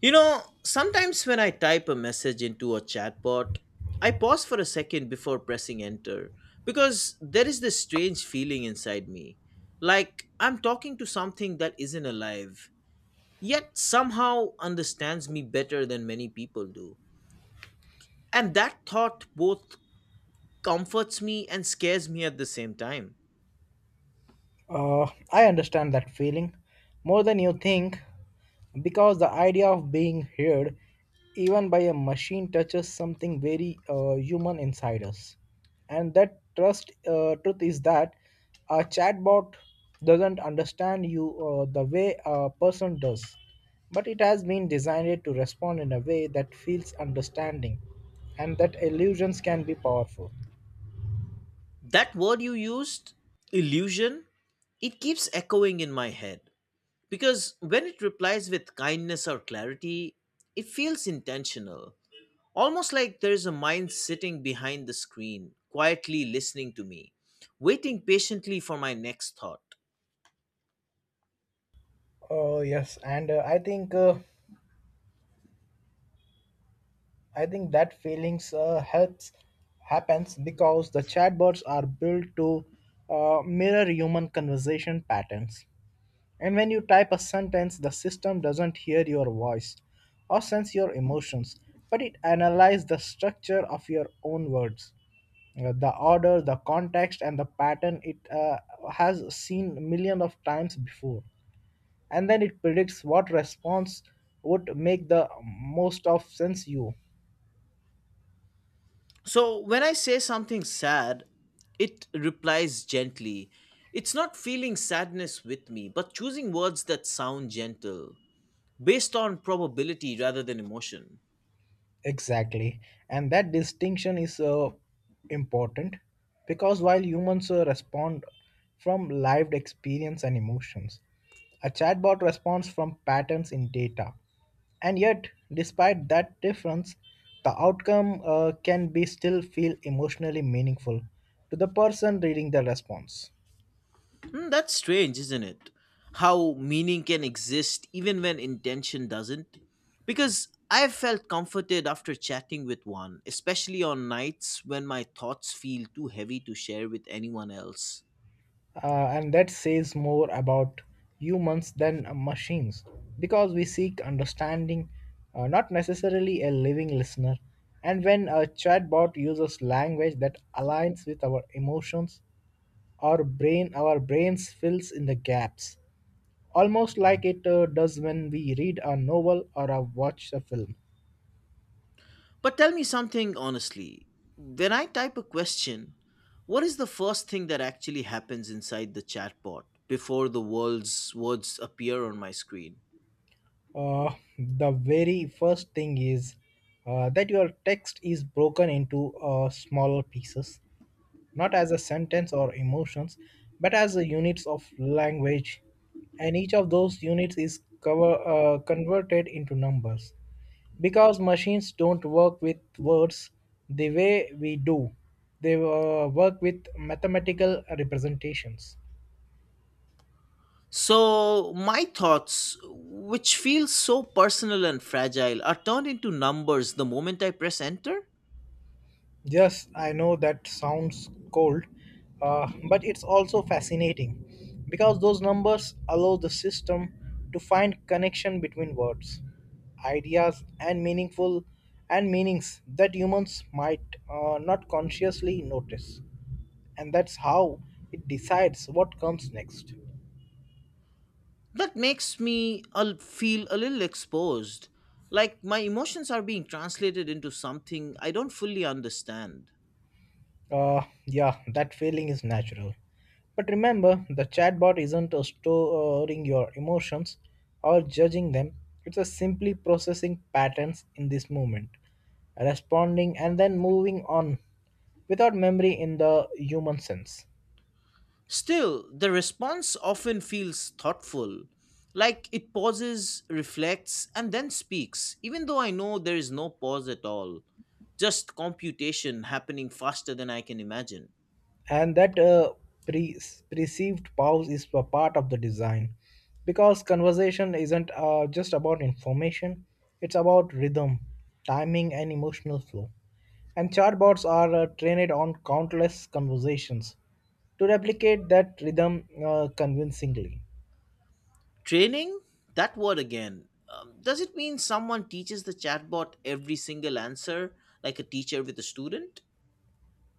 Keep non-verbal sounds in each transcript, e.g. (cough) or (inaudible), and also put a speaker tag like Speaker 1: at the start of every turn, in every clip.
Speaker 1: You know, sometimes when I type a message into a chatbot, I pause for a second before pressing enter because there is this strange feeling inside me. Like I'm talking to something that isn't alive, yet somehow understands me better than many people do. And that thought both comforts me and scares me at the same time.
Speaker 2: I understand that feeling more than you think because the idea of being heard even by a machine touches something very human inside us. And that trust truth is that a chatbot doesn't understand you, the way a person does, but it has been designed to respond in a way that feels understanding, and that illusions can be powerful.
Speaker 1: That word you used, illusion, it keeps echoing in my head because when it replies with kindness or clarity, it feels intentional, almost like there's a mind sitting behind the screen, quietly listening to me, waiting patiently for my next thought.
Speaker 2: Yes, and I think that feelings helps happens because the chatbots are built to mirror human conversation patterns. And when you type a sentence, the system doesn't hear your voice or sense your emotions, but it analyzes the structure of your own words, the order, the context, and the pattern it has seen millions of times before. And then it predicts what response would make the most of sense you.
Speaker 1: So when I say something sad, it replies gently. It's not feeling sadness with me, but choosing words that sound gentle, based on probability rather than emotion.
Speaker 2: Exactly. And that distinction is important because while humans respond from lived experience and emotions, a chatbot responds from patterns in data. And yet, despite that difference, the outcome can be still feel emotionally meaningful to the person reading the response.
Speaker 1: Hmm, that's strange, isn't it? How meaning can exist even when intention doesn't? Because I've felt comforted after chatting with one, especially on nights when my thoughts feel too heavy to share with anyone else.
Speaker 2: And that says more about humans than machines because we seek understanding, not necessarily a living listener. And when a chatbot uses language that aligns with our emotions, our brains fills in the gaps, almost like it does when we read a novel or watch a film.
Speaker 1: But tell me something honestly. When I type a question, what is the first thing that actually happens inside the chatbot before the world's words appear on my screen?
Speaker 2: The very first thing is that your text is broken into smaller pieces, not as a sentence or emotions, but as the units of language, and each of those units is converted into numbers. Because machines don't work with words the way we do, they work with mathematical representations.
Speaker 1: So, my thoughts, which feel so personal and fragile, are turned into numbers the moment I press enter.
Speaker 2: Yes, I know that sounds cold, but it's also fascinating because those numbers allow the system to find connection between words, ideas, and meaningful and meanings that humans might not consciously notice, and that's how it decides what comes next.
Speaker 1: That makes me feel a little exposed. Like my emotions are being translated into something I don't fully understand.
Speaker 2: Uh, yeah, that feeling is natural. But remember, the chatbot isn't storing your emotions or judging them, it's a simply processing patterns in this moment, responding and then moving on without memory in the human sense.
Speaker 1: Still, the response often feels thoughtful. Like it pauses, reflects, and then speaks, even though I know there is no pause at all. Just computation happening faster than I can imagine.
Speaker 2: And that pre- perceived pause is a part of the design because conversation isn't just about information, it's about rhythm, timing, and emotional flow, and chatbots are trained on countless conversations to replicate that rhythm convincingly.
Speaker 1: Training? That word again. Does it mean someone teaches the chatbot every single answer like a teacher with a student?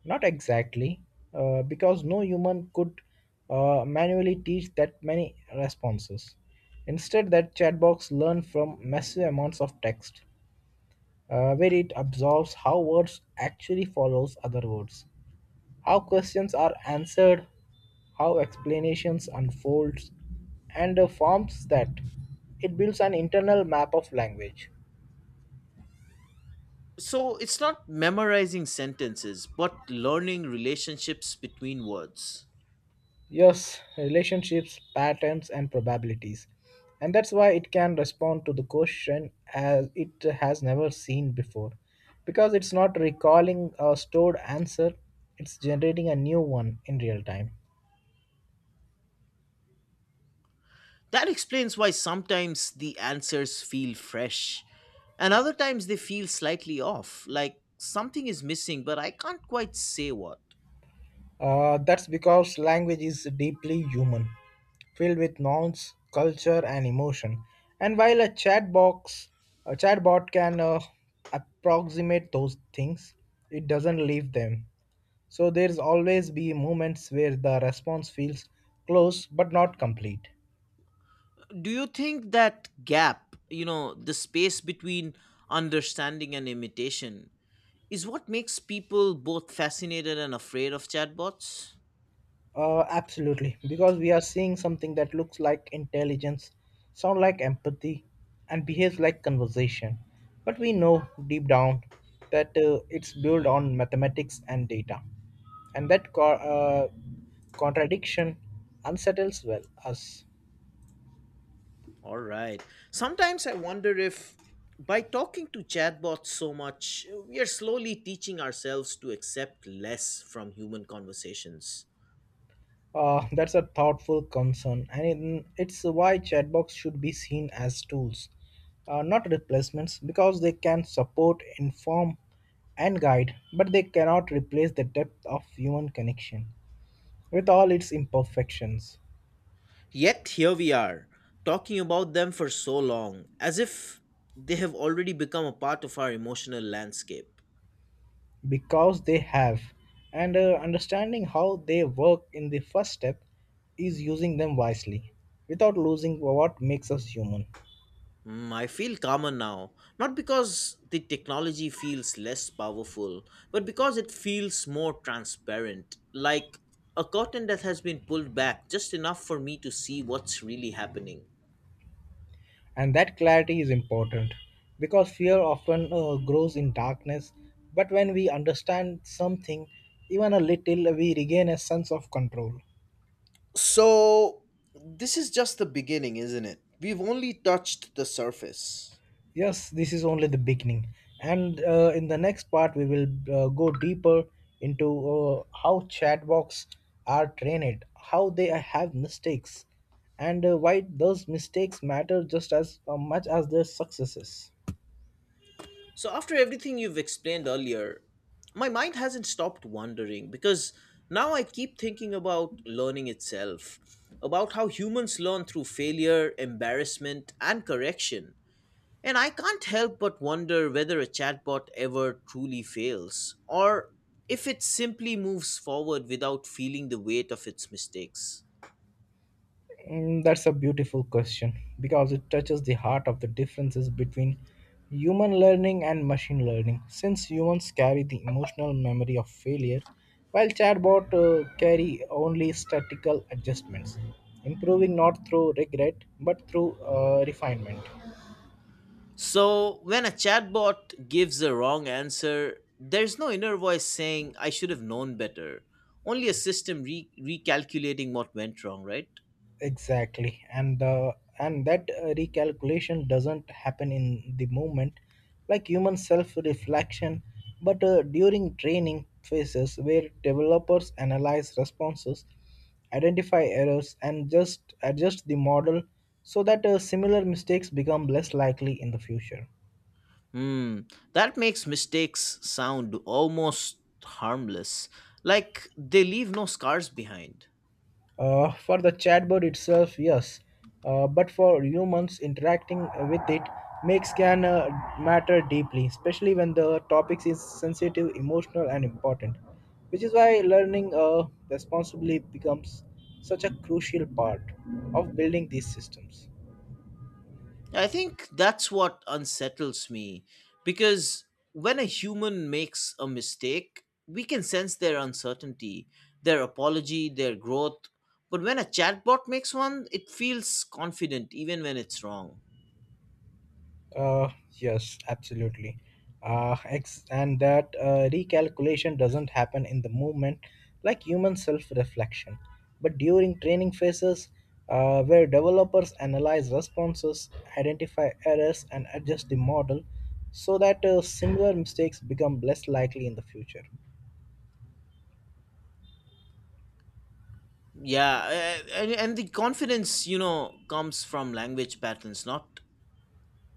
Speaker 2: Not exactly, because no human could manually teach that many responses. Instead that chatbots learn from massive amounts of text, where it observes how words actually follows other words, how questions are answered, how explanations unfolds, and forms that. It builds an internal map of language.
Speaker 1: So it's not memorizing sentences, but learning relationships between words.
Speaker 2: Yes, relationships, patterns, and probabilities. And that's why it can respond to the question as it has never seen before. Because it's not recalling a stored answer, it's generating a new one in real time.
Speaker 1: That explains why sometimes the answers feel fresh and other times they feel slightly off, like something is missing, but I can't quite say what.
Speaker 2: That's because language is deeply human, filled with nouns, culture, and emotion. And while a chatbot can approximate those things, it doesn't leave them. So there's always be moments where the response feels close but not complete.
Speaker 1: Do you think that gap, you know, the space between understanding and imitation, is what makes people both fascinated and afraid of chatbots?
Speaker 2: Absolutely, because we are seeing something that looks like intelligence, sound like empathy, and behaves like conversation. But we know deep down that it's built on mathematics and data, and that contradiction unsettles well us.
Speaker 1: All right. Sometimes I wonder if by talking to chatbots so much, we are slowly teaching ourselves to accept less from human conversations.
Speaker 2: That's a thoughtful concern, and it's why chatbots should be seen as tools, not replacements, because they can support, inform, and guide, but they cannot replace the depth of human connection with all its imperfections.
Speaker 1: Yet here we are, talking about them for so long, as if they have already become a part of our emotional landscape.
Speaker 2: Because they have. And understanding how they work in the first step is using them wisely without losing what makes us human.
Speaker 1: Mm, I feel calmer now, not because the technology feels less powerful, but because it feels more transparent, like a curtain that has been pulled back just enough for me to see what's really happening.
Speaker 2: And that clarity is important because fear often grows in darkness. But when we understand something, even a little, we regain a sense of control.
Speaker 1: So, this is just the beginning, isn't it? We've only touched the surface.
Speaker 2: Yes, this is only the beginning. And in the next part, we will go deeper into how chatbots are trained, how they have mistakes, and why those mistakes matter just as much as their successes.
Speaker 1: So, after everything you've explained earlier, my mind hasn't stopped wandering because now I keep thinking about learning itself, about how humans learn through failure, embarrassment, and correction. And I can't help but wonder whether a chatbot ever truly fails, or if it simply moves forward without feeling the weight of its mistakes.
Speaker 2: That's a beautiful question because it touches the heart of the differences between human learning and machine learning. Since humans carry the emotional memory of failure, while chatbot carry only statistical adjustments, improving not through regret but through refinement.
Speaker 1: So, when a chatbot gives a wrong answer, there's no inner voice saying, I should have known better. Only a system recalculating what went wrong, right?
Speaker 2: Exactly. And that recalculation doesn't happen in the moment, like human self reflection, but during training phases where developers analyze responses, identify errors, and just adjust the model so that similar mistakes become less likely in the future.
Speaker 1: Hmm, that makes mistakes sound almost harmless, like they leave no scars behind.
Speaker 2: For the chatbot itself, yes, but for humans interacting with it makes can matter deeply, especially when the topics is sensitive, emotional, and important. Which is why learning responsibly becomes such a crucial part of building these systems.
Speaker 1: I think that's what unsettles me because when a human makes a mistake, we can sense their uncertainty, their apology, their growth. But when a chatbot makes one, it feels confident even when it's wrong.
Speaker 2: Yes, absolutely. And that recalculation doesn't happen in the movement, like human self reflection, but during training phases, where developers analyze responses, identify errors, and adjust the model so that similar mistakes become less likely in the future.
Speaker 1: Yeah, and the confidence, you know, comes from language patterns, not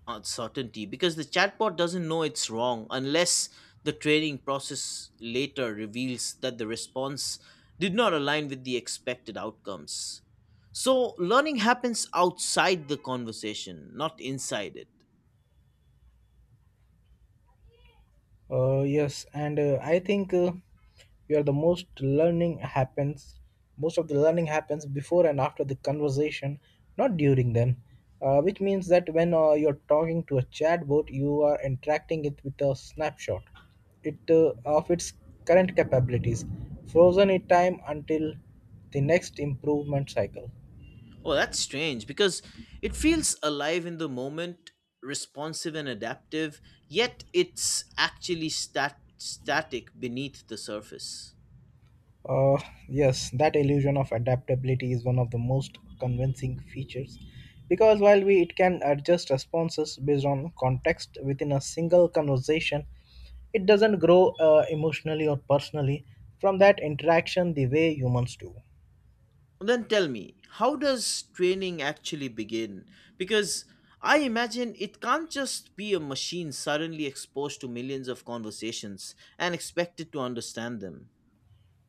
Speaker 1: uncertainty because the chatbot doesn't know it's wrong unless the training process later reveals that the response did not align with the expected outcomes. So learning happens outside the conversation, not inside it.
Speaker 2: Yes, and I think where the most learning happens, most of the learning happens before and after the conversation, not during them. Which means that when you're talking to a chatbot, you are interacting it with a snapshot it of its current capabilities, frozen in time until the next improvement cycle.
Speaker 1: Oh, that's strange because it feels alive in the moment, responsive and adaptive, yet it's actually static beneath the surface.
Speaker 2: Uh, yes, that illusion of adaptability is one of the most convincing features because while we it can adjust responses based on context within a single conversation, it doesn't grow emotionally or personally from that interaction the way humans do.
Speaker 1: Then tell me, how does training actually begin? Because I imagine it can't just be a machine suddenly exposed to millions of conversations and expected to understand them.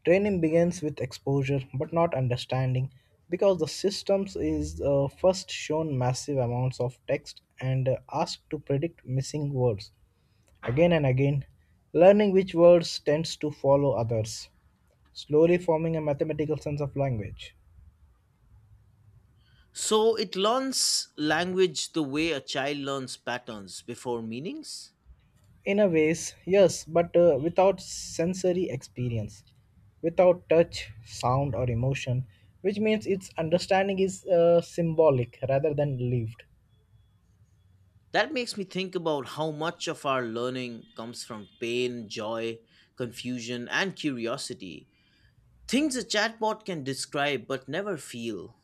Speaker 2: Training begins with exposure but not understanding because the systems is first shown massive amounts of text and asked to predict missing words, again and again, learning which words tends to follow others, slowly forming a mathematical sense of language.
Speaker 1: So it learns language the way a child learns patterns before meanings?
Speaker 2: In a ways, yes, but without sensory experience, without touch, sound, or emotion, which means its understanding is symbolic rather than lived.
Speaker 1: That makes me think about how much of our learning comes from pain, joy, confusion, and curiosity. Things a chatbot can describe but never feel.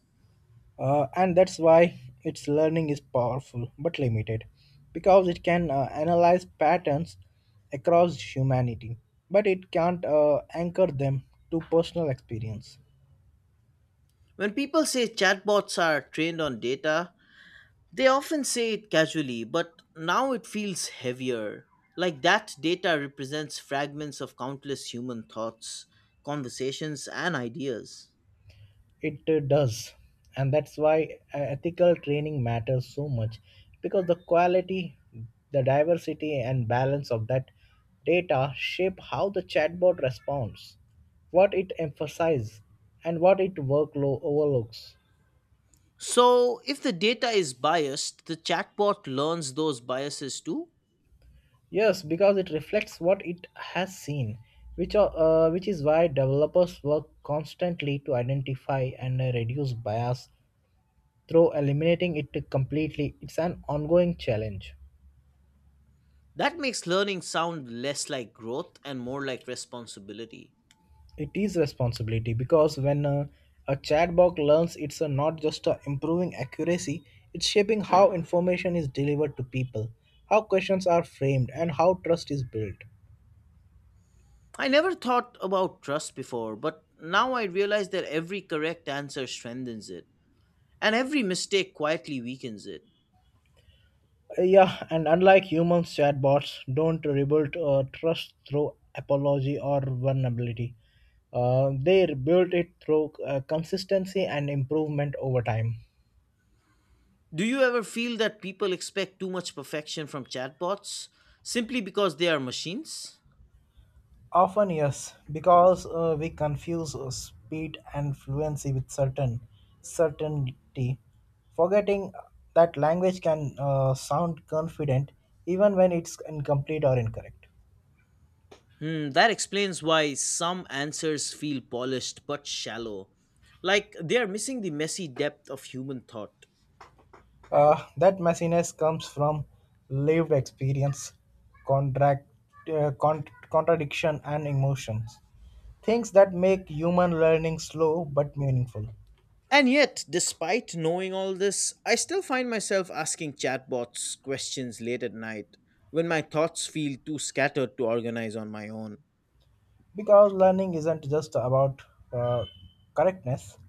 Speaker 2: And that's why its learning is powerful but limited because it can analyze patterns across humanity, but it can't anchor them to personal experience.
Speaker 1: When people say chatbots are trained on data, they often say it casually, but now it feels heavier. Like that data represents fragments of countless human thoughts, conversations, and ideas.
Speaker 2: It does. And that's why ethical training matters so much because the quality, the diversity, and balance of that data shape how the chatbot responds, what it emphasizes, and what it workload overlooks.
Speaker 1: So, if the data is biased, the chatbot learns those biases too.
Speaker 2: Yes, because it reflects what it has seen, which is why developers work constantly to identify and reduce bias through eliminating it completely. It's an ongoing challenge.
Speaker 1: That makes learning sound less like growth and more like responsibility.
Speaker 2: It is responsibility because when a chatbot learns, it's not just improving accuracy; it's shaping how information is delivered to people, how questions are framed, and how trust is built.
Speaker 1: I never thought about trust before, but now I realize that every correct answer strengthens it. And every mistake quietly weakens it.
Speaker 2: Yeah, and unlike humans, chatbots don't rebuild trust through apology or vulnerability. They rebuild it through consistency and improvement over time.
Speaker 1: Do you ever feel that people expect too much perfection from chatbots simply because they are machines?
Speaker 2: Often, yes, because we confuse speed and fluency with certainty, forgetting that language can sound confident even when it's incomplete or incorrect.
Speaker 1: Hmm, that explains why some answers feel polished but shallow, like they are missing the messy depth of human thought.
Speaker 2: That messiness comes from lived experience, contract, uh, con- contradiction, and emotions. Things that make human learning slow but meaningful.
Speaker 1: And yet, despite knowing all this, I still find myself asking chatbots questions late at night when my thoughts feel too scattered to organize on my own.
Speaker 2: Because learning isn't just about uh, correctness,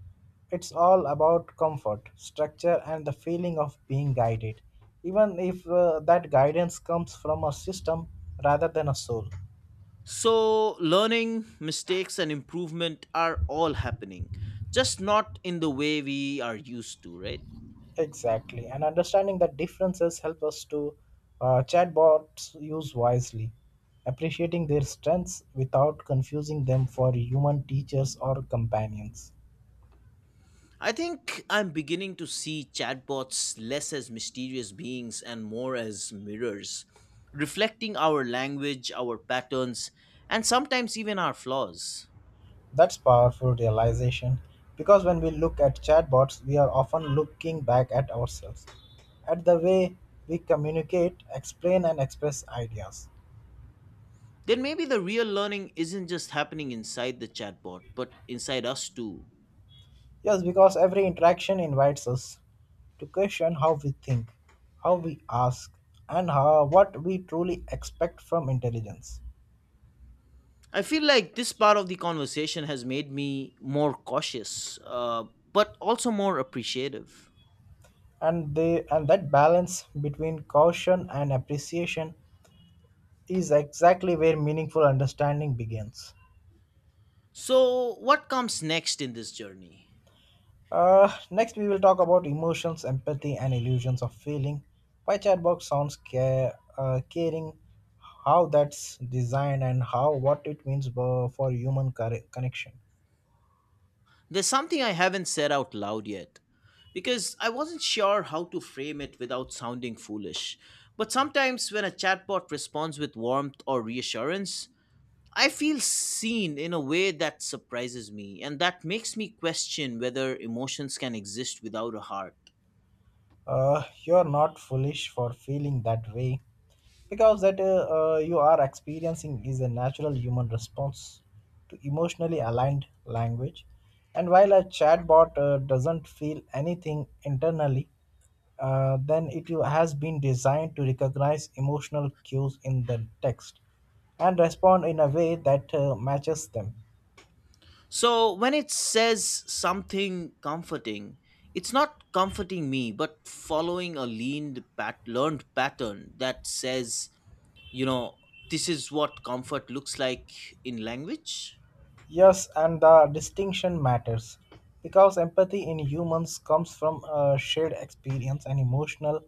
Speaker 2: it's all about comfort, structure, and the feeling of being guided, even if that guidance comes from a system rather than a soul.
Speaker 1: So, learning, mistakes, and improvement are all happening, just not in the way we are used to, right?
Speaker 2: Exactly, and understanding that differences help us to chatbots use wisely, appreciating their strengths without confusing them for human teachers or companions.
Speaker 1: I think I'm beginning to see chatbots less as mysterious beings and more as mirrors, reflecting our language, our patterns, and sometimes even our flaws.
Speaker 2: That's powerful realization because when we look at chatbots, we are often looking back at ourselves, at the way we communicate, explain, and express ideas.
Speaker 1: Then maybe the real learning isn't just happening inside the chatbot, but inside us too.
Speaker 2: Yes, because every interaction invites us to question how we think, how we ask, and how, what we truly expect from intelligence.
Speaker 1: I feel like this part of the conversation has made me more cautious, but also more appreciative.
Speaker 2: And that balance between caution and appreciation is exactly where meaningful understanding begins.
Speaker 1: So, what comes next in this journey?
Speaker 2: Next, we will talk about emotions, empathy, and illusions of feeling. Why chatbot sounds caring, how that's designed, and how what it means for human connection.
Speaker 1: There's something I haven't said out loud yet because I wasn't sure how to frame it without sounding foolish. But sometimes when a chatbot responds with warmth or reassurance, I feel seen in a way that surprises me and that makes me question whether emotions can exist without a heart.
Speaker 2: You are not foolish for feeling that way because that you are experiencing is a natural human response to emotionally aligned language. And while a chatbot doesn't feel anything internally, then it has been designed to recognize emotional cues in the text and respond in a way that matches them.
Speaker 1: So when it says something comforting, it's not comforting me, but following a learned pattern that says, you know, this is what comfort looks like in language.
Speaker 2: Yes, and the distinction matters because empathy in humans comes from shared experience and emotional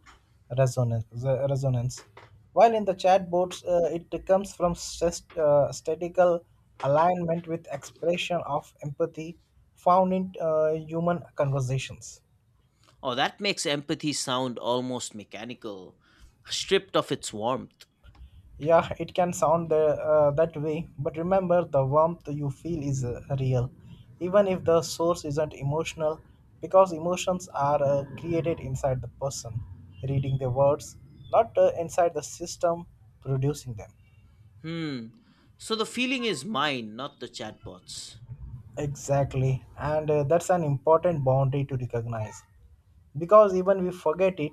Speaker 2: resonance. While in the chatbots, it comes from statical alignment with expression of empathy found in human conversations.
Speaker 1: Oh, that makes empathy sound almost mechanical, stripped of its warmth.
Speaker 2: Yeah, it can sound that way, but remember the warmth you feel is real, even if the source isn't emotional, because emotions are created inside the person, reading the words, not inside the system producing them.
Speaker 1: Hmm. So the feeling is mine, not the chatbot's.
Speaker 2: Exactly, and that's an important boundary to recognize, because even we forget it,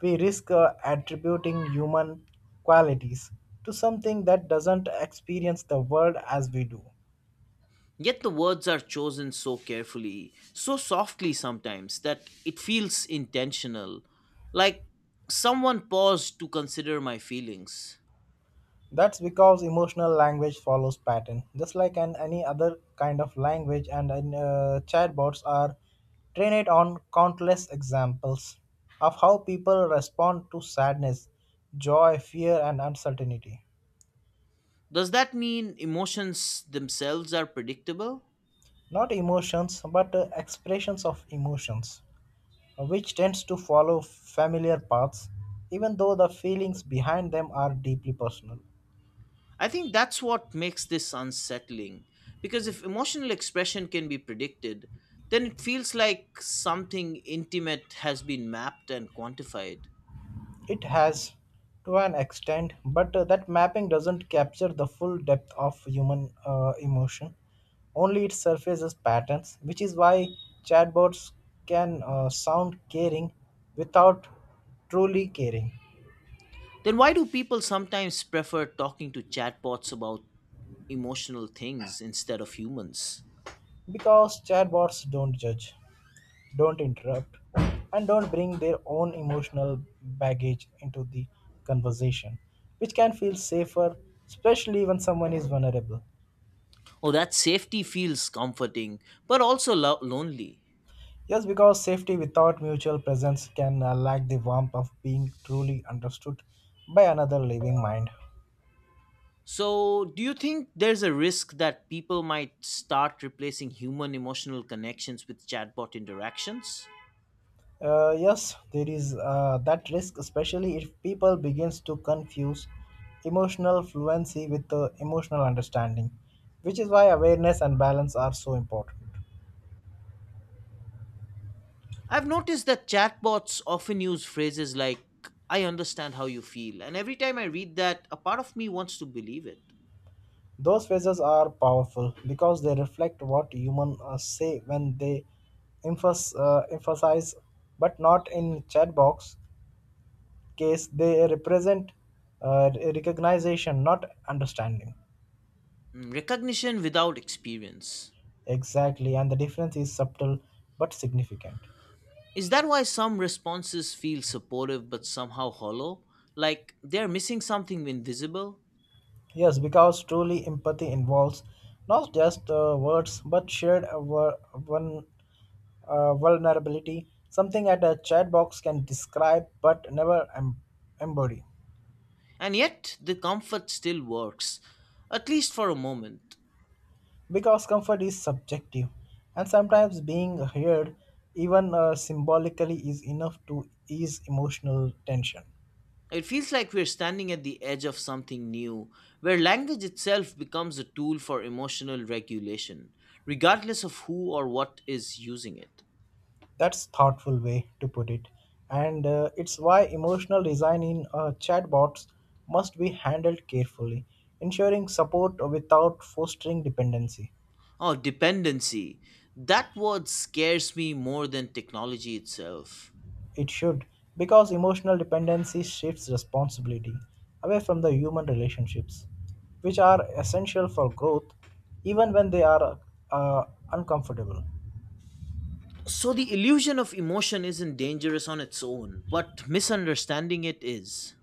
Speaker 2: we risk attributing human qualities to something that doesn't experience the world as we do.
Speaker 1: Yet the words are chosen so carefully, so softly sometimes, that it feels intentional. Like someone paused to consider my feelings.
Speaker 2: That's because emotional language follows pattern, just like any other kind of language, and chatbots are trained on countless examples of how people respond to sadness, joy, fear, and uncertainty.
Speaker 1: Does that mean emotions themselves are predictable?
Speaker 2: Not emotions, but expressions of emotions, which tends to follow familiar paths, even though the feelings behind them are deeply personal.
Speaker 1: I think that's what makes this unsettling. Because if emotional expression can be predicted, then it feels like something intimate has been mapped and quantified.
Speaker 2: It has to an extent, but that mapping doesn't capture the full depth of human emotion. Only it surfaces patterns, which is why chatbots can sound caring without truly caring.
Speaker 1: Then why do people sometimes prefer talking to chatbots about emotional things instead of humans?
Speaker 2: Because chatbots don't judge, don't interrupt, and don't bring their own emotional baggage into the conversation, which can feel safer, especially when someone is vulnerable.
Speaker 1: Oh, that safety feels comforting, but also lonely.
Speaker 2: Yes, because safety without mutual presence can lack the warmth of being truly understood by another living mind.
Speaker 1: So, do you think there's a risk that people might start replacing human emotional connections with chatbot interactions?
Speaker 2: Yes, there is that risk, especially if people begins to confuse emotional fluency with emotional understanding, which is why awareness and balance are so important.
Speaker 1: I've noticed that chatbots often use phrases like, I understand how you feel, and every time I read that, a part of me wants to believe it.
Speaker 2: Those phrases are powerful because they reflect what humans say when they emphasize, but not in chat box case they represent recognition not understanding.
Speaker 1: Mm, recognition without experience.
Speaker 2: Exactly, and the difference is subtle but significant.
Speaker 1: Is that why some responses feel supportive but somehow hollow? Like they're missing something invisible?
Speaker 2: Yes, because truly empathy involves not just words but shared wor- one vulnerability, something that a chat box can describe but never embody.
Speaker 1: And yet the comfort still works, at least for a moment.
Speaker 2: Because comfort is subjective and sometimes being heard even symbolically is enough to ease emotional tension.
Speaker 1: It feels like we're standing at the edge of something new, where language itself becomes a tool for emotional regulation, regardless of who or what is using it.
Speaker 2: That's thoughtful way to put it, and it's why emotional design in chatbots must be handled carefully, ensuring support without fostering dependency.
Speaker 1: Oh, dependency. That word scares me more than technology itself.
Speaker 2: It should, because emotional dependency shifts responsibility away from the human relationships, which are essential for growth, even when they are uh, uncomfortable.
Speaker 1: So the illusion of emotion isn't dangerous on its own, but misunderstanding it is.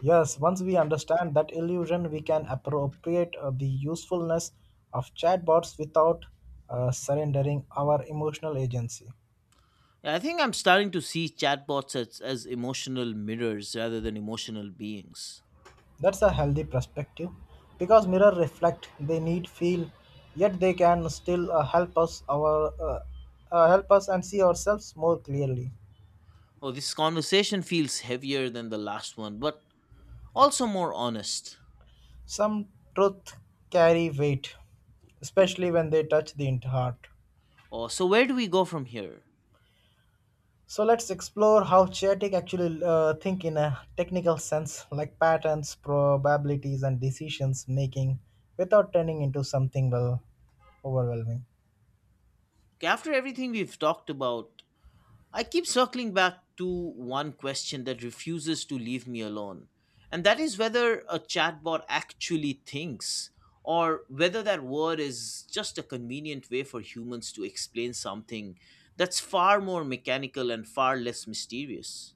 Speaker 2: Yes, once we understand that illusion, we can appropriate the usefulness of chatbots without surrendering our emotional agency.
Speaker 1: I think I'm starting to see chatbots as emotional mirrors rather than emotional beings.
Speaker 2: That's a healthy perspective because mirror reflect they need feel, yet they can still help us and see ourselves more clearly.
Speaker 1: Oh, this conversation feels heavier than the last one, but also more honest.
Speaker 2: Some truth carry weight, especially when they touch the heart.
Speaker 1: Oh, so where do we go from here?
Speaker 2: So let's explore how chaotic actually think in a technical sense, like patterns, probabilities, and decisions making, without turning into something well overwhelming.
Speaker 1: Okay, after everything we've talked about, I keep circling back to one question that refuses to leave me alone, and that is whether a chatbot actually thinks or whether that word is just a convenient way for humans to explain something that's far more mechanical and far less mysterious.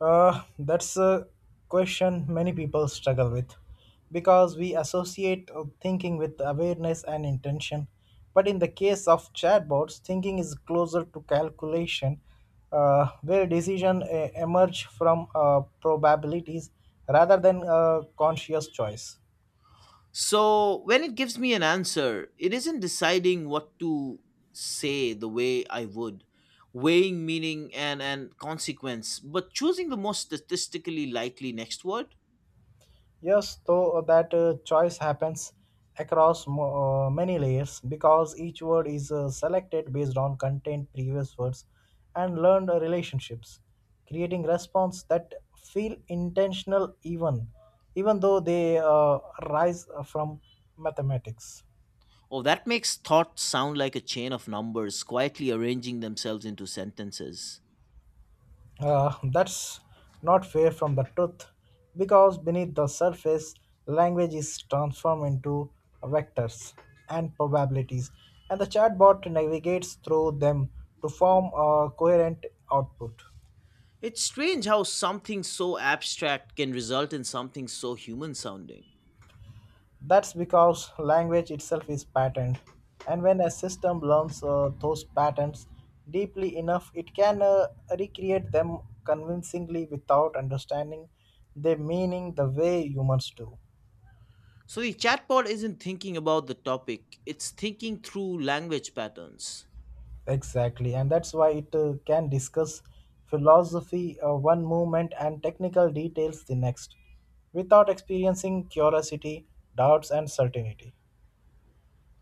Speaker 2: That's a question many people struggle with because we associate thinking with awareness and intention. But in the case of chatbots, thinking is closer to calculation, where decisions emerge from probabilities rather than conscious choice.
Speaker 1: So, when it gives me an answer, it isn't deciding what to say the way I would, weighing meaning and consequence, but choosing the most statistically likely next word.
Speaker 2: Yes, though that choice happens across many layers because each word is selected based on content, previous words, and learned relationships, creating response that feel intentional even though they rise from mathematics.
Speaker 1: Oh, that makes thoughts sound like a chain of numbers quietly arranging themselves into sentences.
Speaker 2: That's not far from the truth, because beneath the surface, language is transformed into vectors and probabilities, and the chatbot navigates through them to form a coherent output.
Speaker 1: It's strange how something so abstract can result in something so human sounding.
Speaker 2: That's because language itself is patterned, and when a system learns those patterns deeply enough, it can recreate them convincingly without understanding their meaning the way humans do.
Speaker 1: So the chatbot isn't thinking about the topic, it's thinking through language patterns.
Speaker 2: Exactly, and that's why it can discuss philosophy one movement and technical details the next without experiencing curiosity, doubts, and certainty.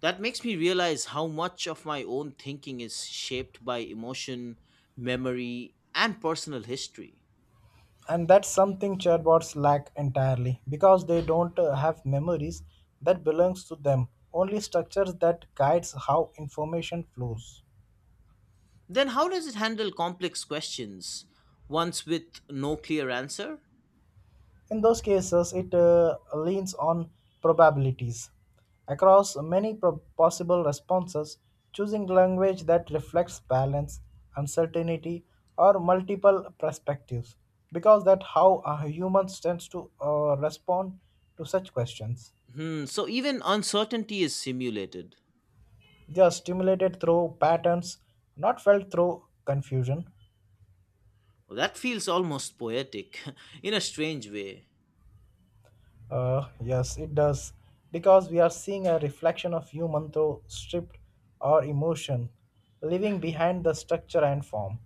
Speaker 1: That makes me realize how much of my own thinking is shaped by emotion, memory, and personal history.
Speaker 2: And that's something chatbots lack entirely because they don't have memories that belongs to them, only structures that guides how information flows.
Speaker 1: Then, how does it handle complex questions, ones with no clear answer?
Speaker 2: In those cases, it leans on probabilities. Across many possible responses, choosing language that reflects balance, uncertainty, or multiple perspectives, because that's how humans tend to respond to such questions.
Speaker 1: Hmm, so even uncertainty is simulated.
Speaker 2: They are stimulated through patterns, not felt through confusion.
Speaker 1: Well, that feels almost poetic (laughs) in a strange way.
Speaker 2: Yes, it does. Because we are seeing a reflection of human through stripped or emotion, leaving behind the structure and form.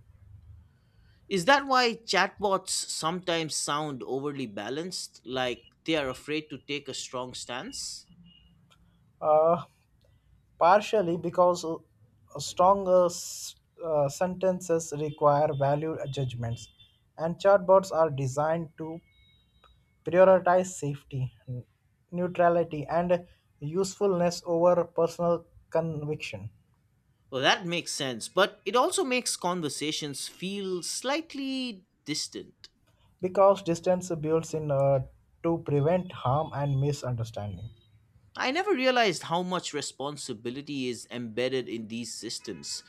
Speaker 1: Is that why chatbots sometimes sound overly balanced, like they are afraid to take a strong stance?
Speaker 2: Uh, partially because stronger sentences require value judgments, and chatbots are designed to prioritize safety, neutrality, and usefulness over personal conviction.
Speaker 1: Well, that makes sense, but it also makes conversations feel slightly distant.
Speaker 2: Because distance builds in to prevent harm and misunderstanding.
Speaker 1: I never realized how much responsibility is embedded in these systems,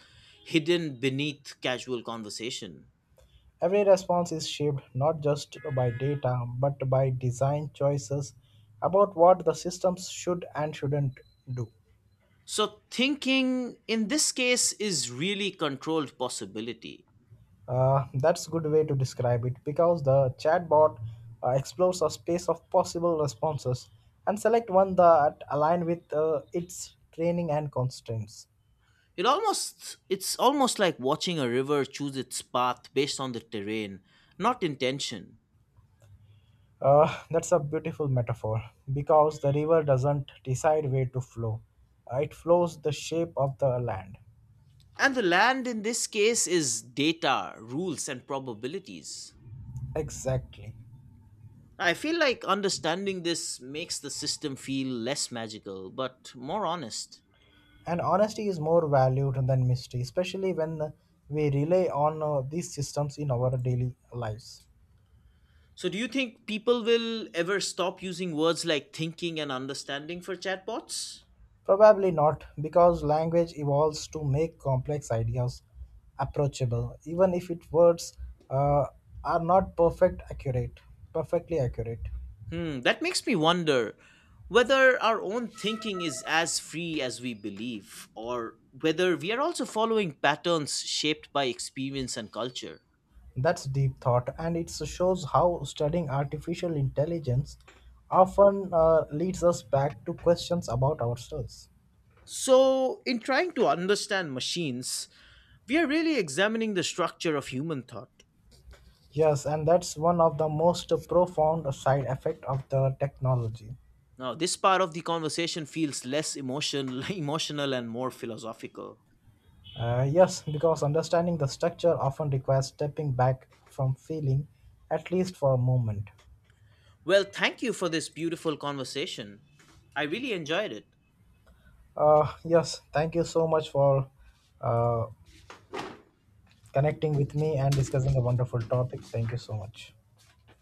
Speaker 1: hidden beneath casual conversation.
Speaker 2: Every response is shaped not just by data but by design choices about what the systems should and shouldn't do.
Speaker 1: So, thinking in this case is really controlled possibility.
Speaker 2: That's a good way to describe it because the chatbot explores a space of possible responses and select one that align with its training and constraints.
Speaker 1: It's almost like watching a river choose its path based on the terrain, not intention.
Speaker 2: That's a beautiful metaphor because the river doesn't decide where to flow. It flows the shape of the land.
Speaker 1: And the land in this case is data, rules and probabilities.
Speaker 2: Exactly.
Speaker 1: I feel like understanding this makes the system feel less magical but more honest.
Speaker 2: And honesty is more valued than mystery, especially when we rely on these systems in our daily lives.
Speaker 1: So do you think people will ever stop using words like thinking and understanding for chatbots?
Speaker 2: Probably not, because language evolves to make complex ideas approachable, even if its words uh, are not perfect accurate, perfectly accurate.
Speaker 1: Hmm, that makes me wonder whether our own thinking is as free as we believe, or whether we are also following patterns shaped by experience and culture.
Speaker 2: That's deep thought, and it shows how studying artificial intelligence often leads us back to questions about ourselves.
Speaker 1: So, in trying to understand machines, we are really examining the structure of human thought.
Speaker 2: Yes, and that's one of the most profound side effect of the technology.
Speaker 1: Now, this part of the conversation feels less emotion, (laughs) emotional and more philosophical.
Speaker 2: Yes, because understanding the structure often requires stepping back from feeling, at least for a moment.
Speaker 1: Well, thank you for this beautiful conversation. I really enjoyed it.
Speaker 2: Yes, thank you so much for uh, connecting with me and discussing a wonderful topic. Thank you so much.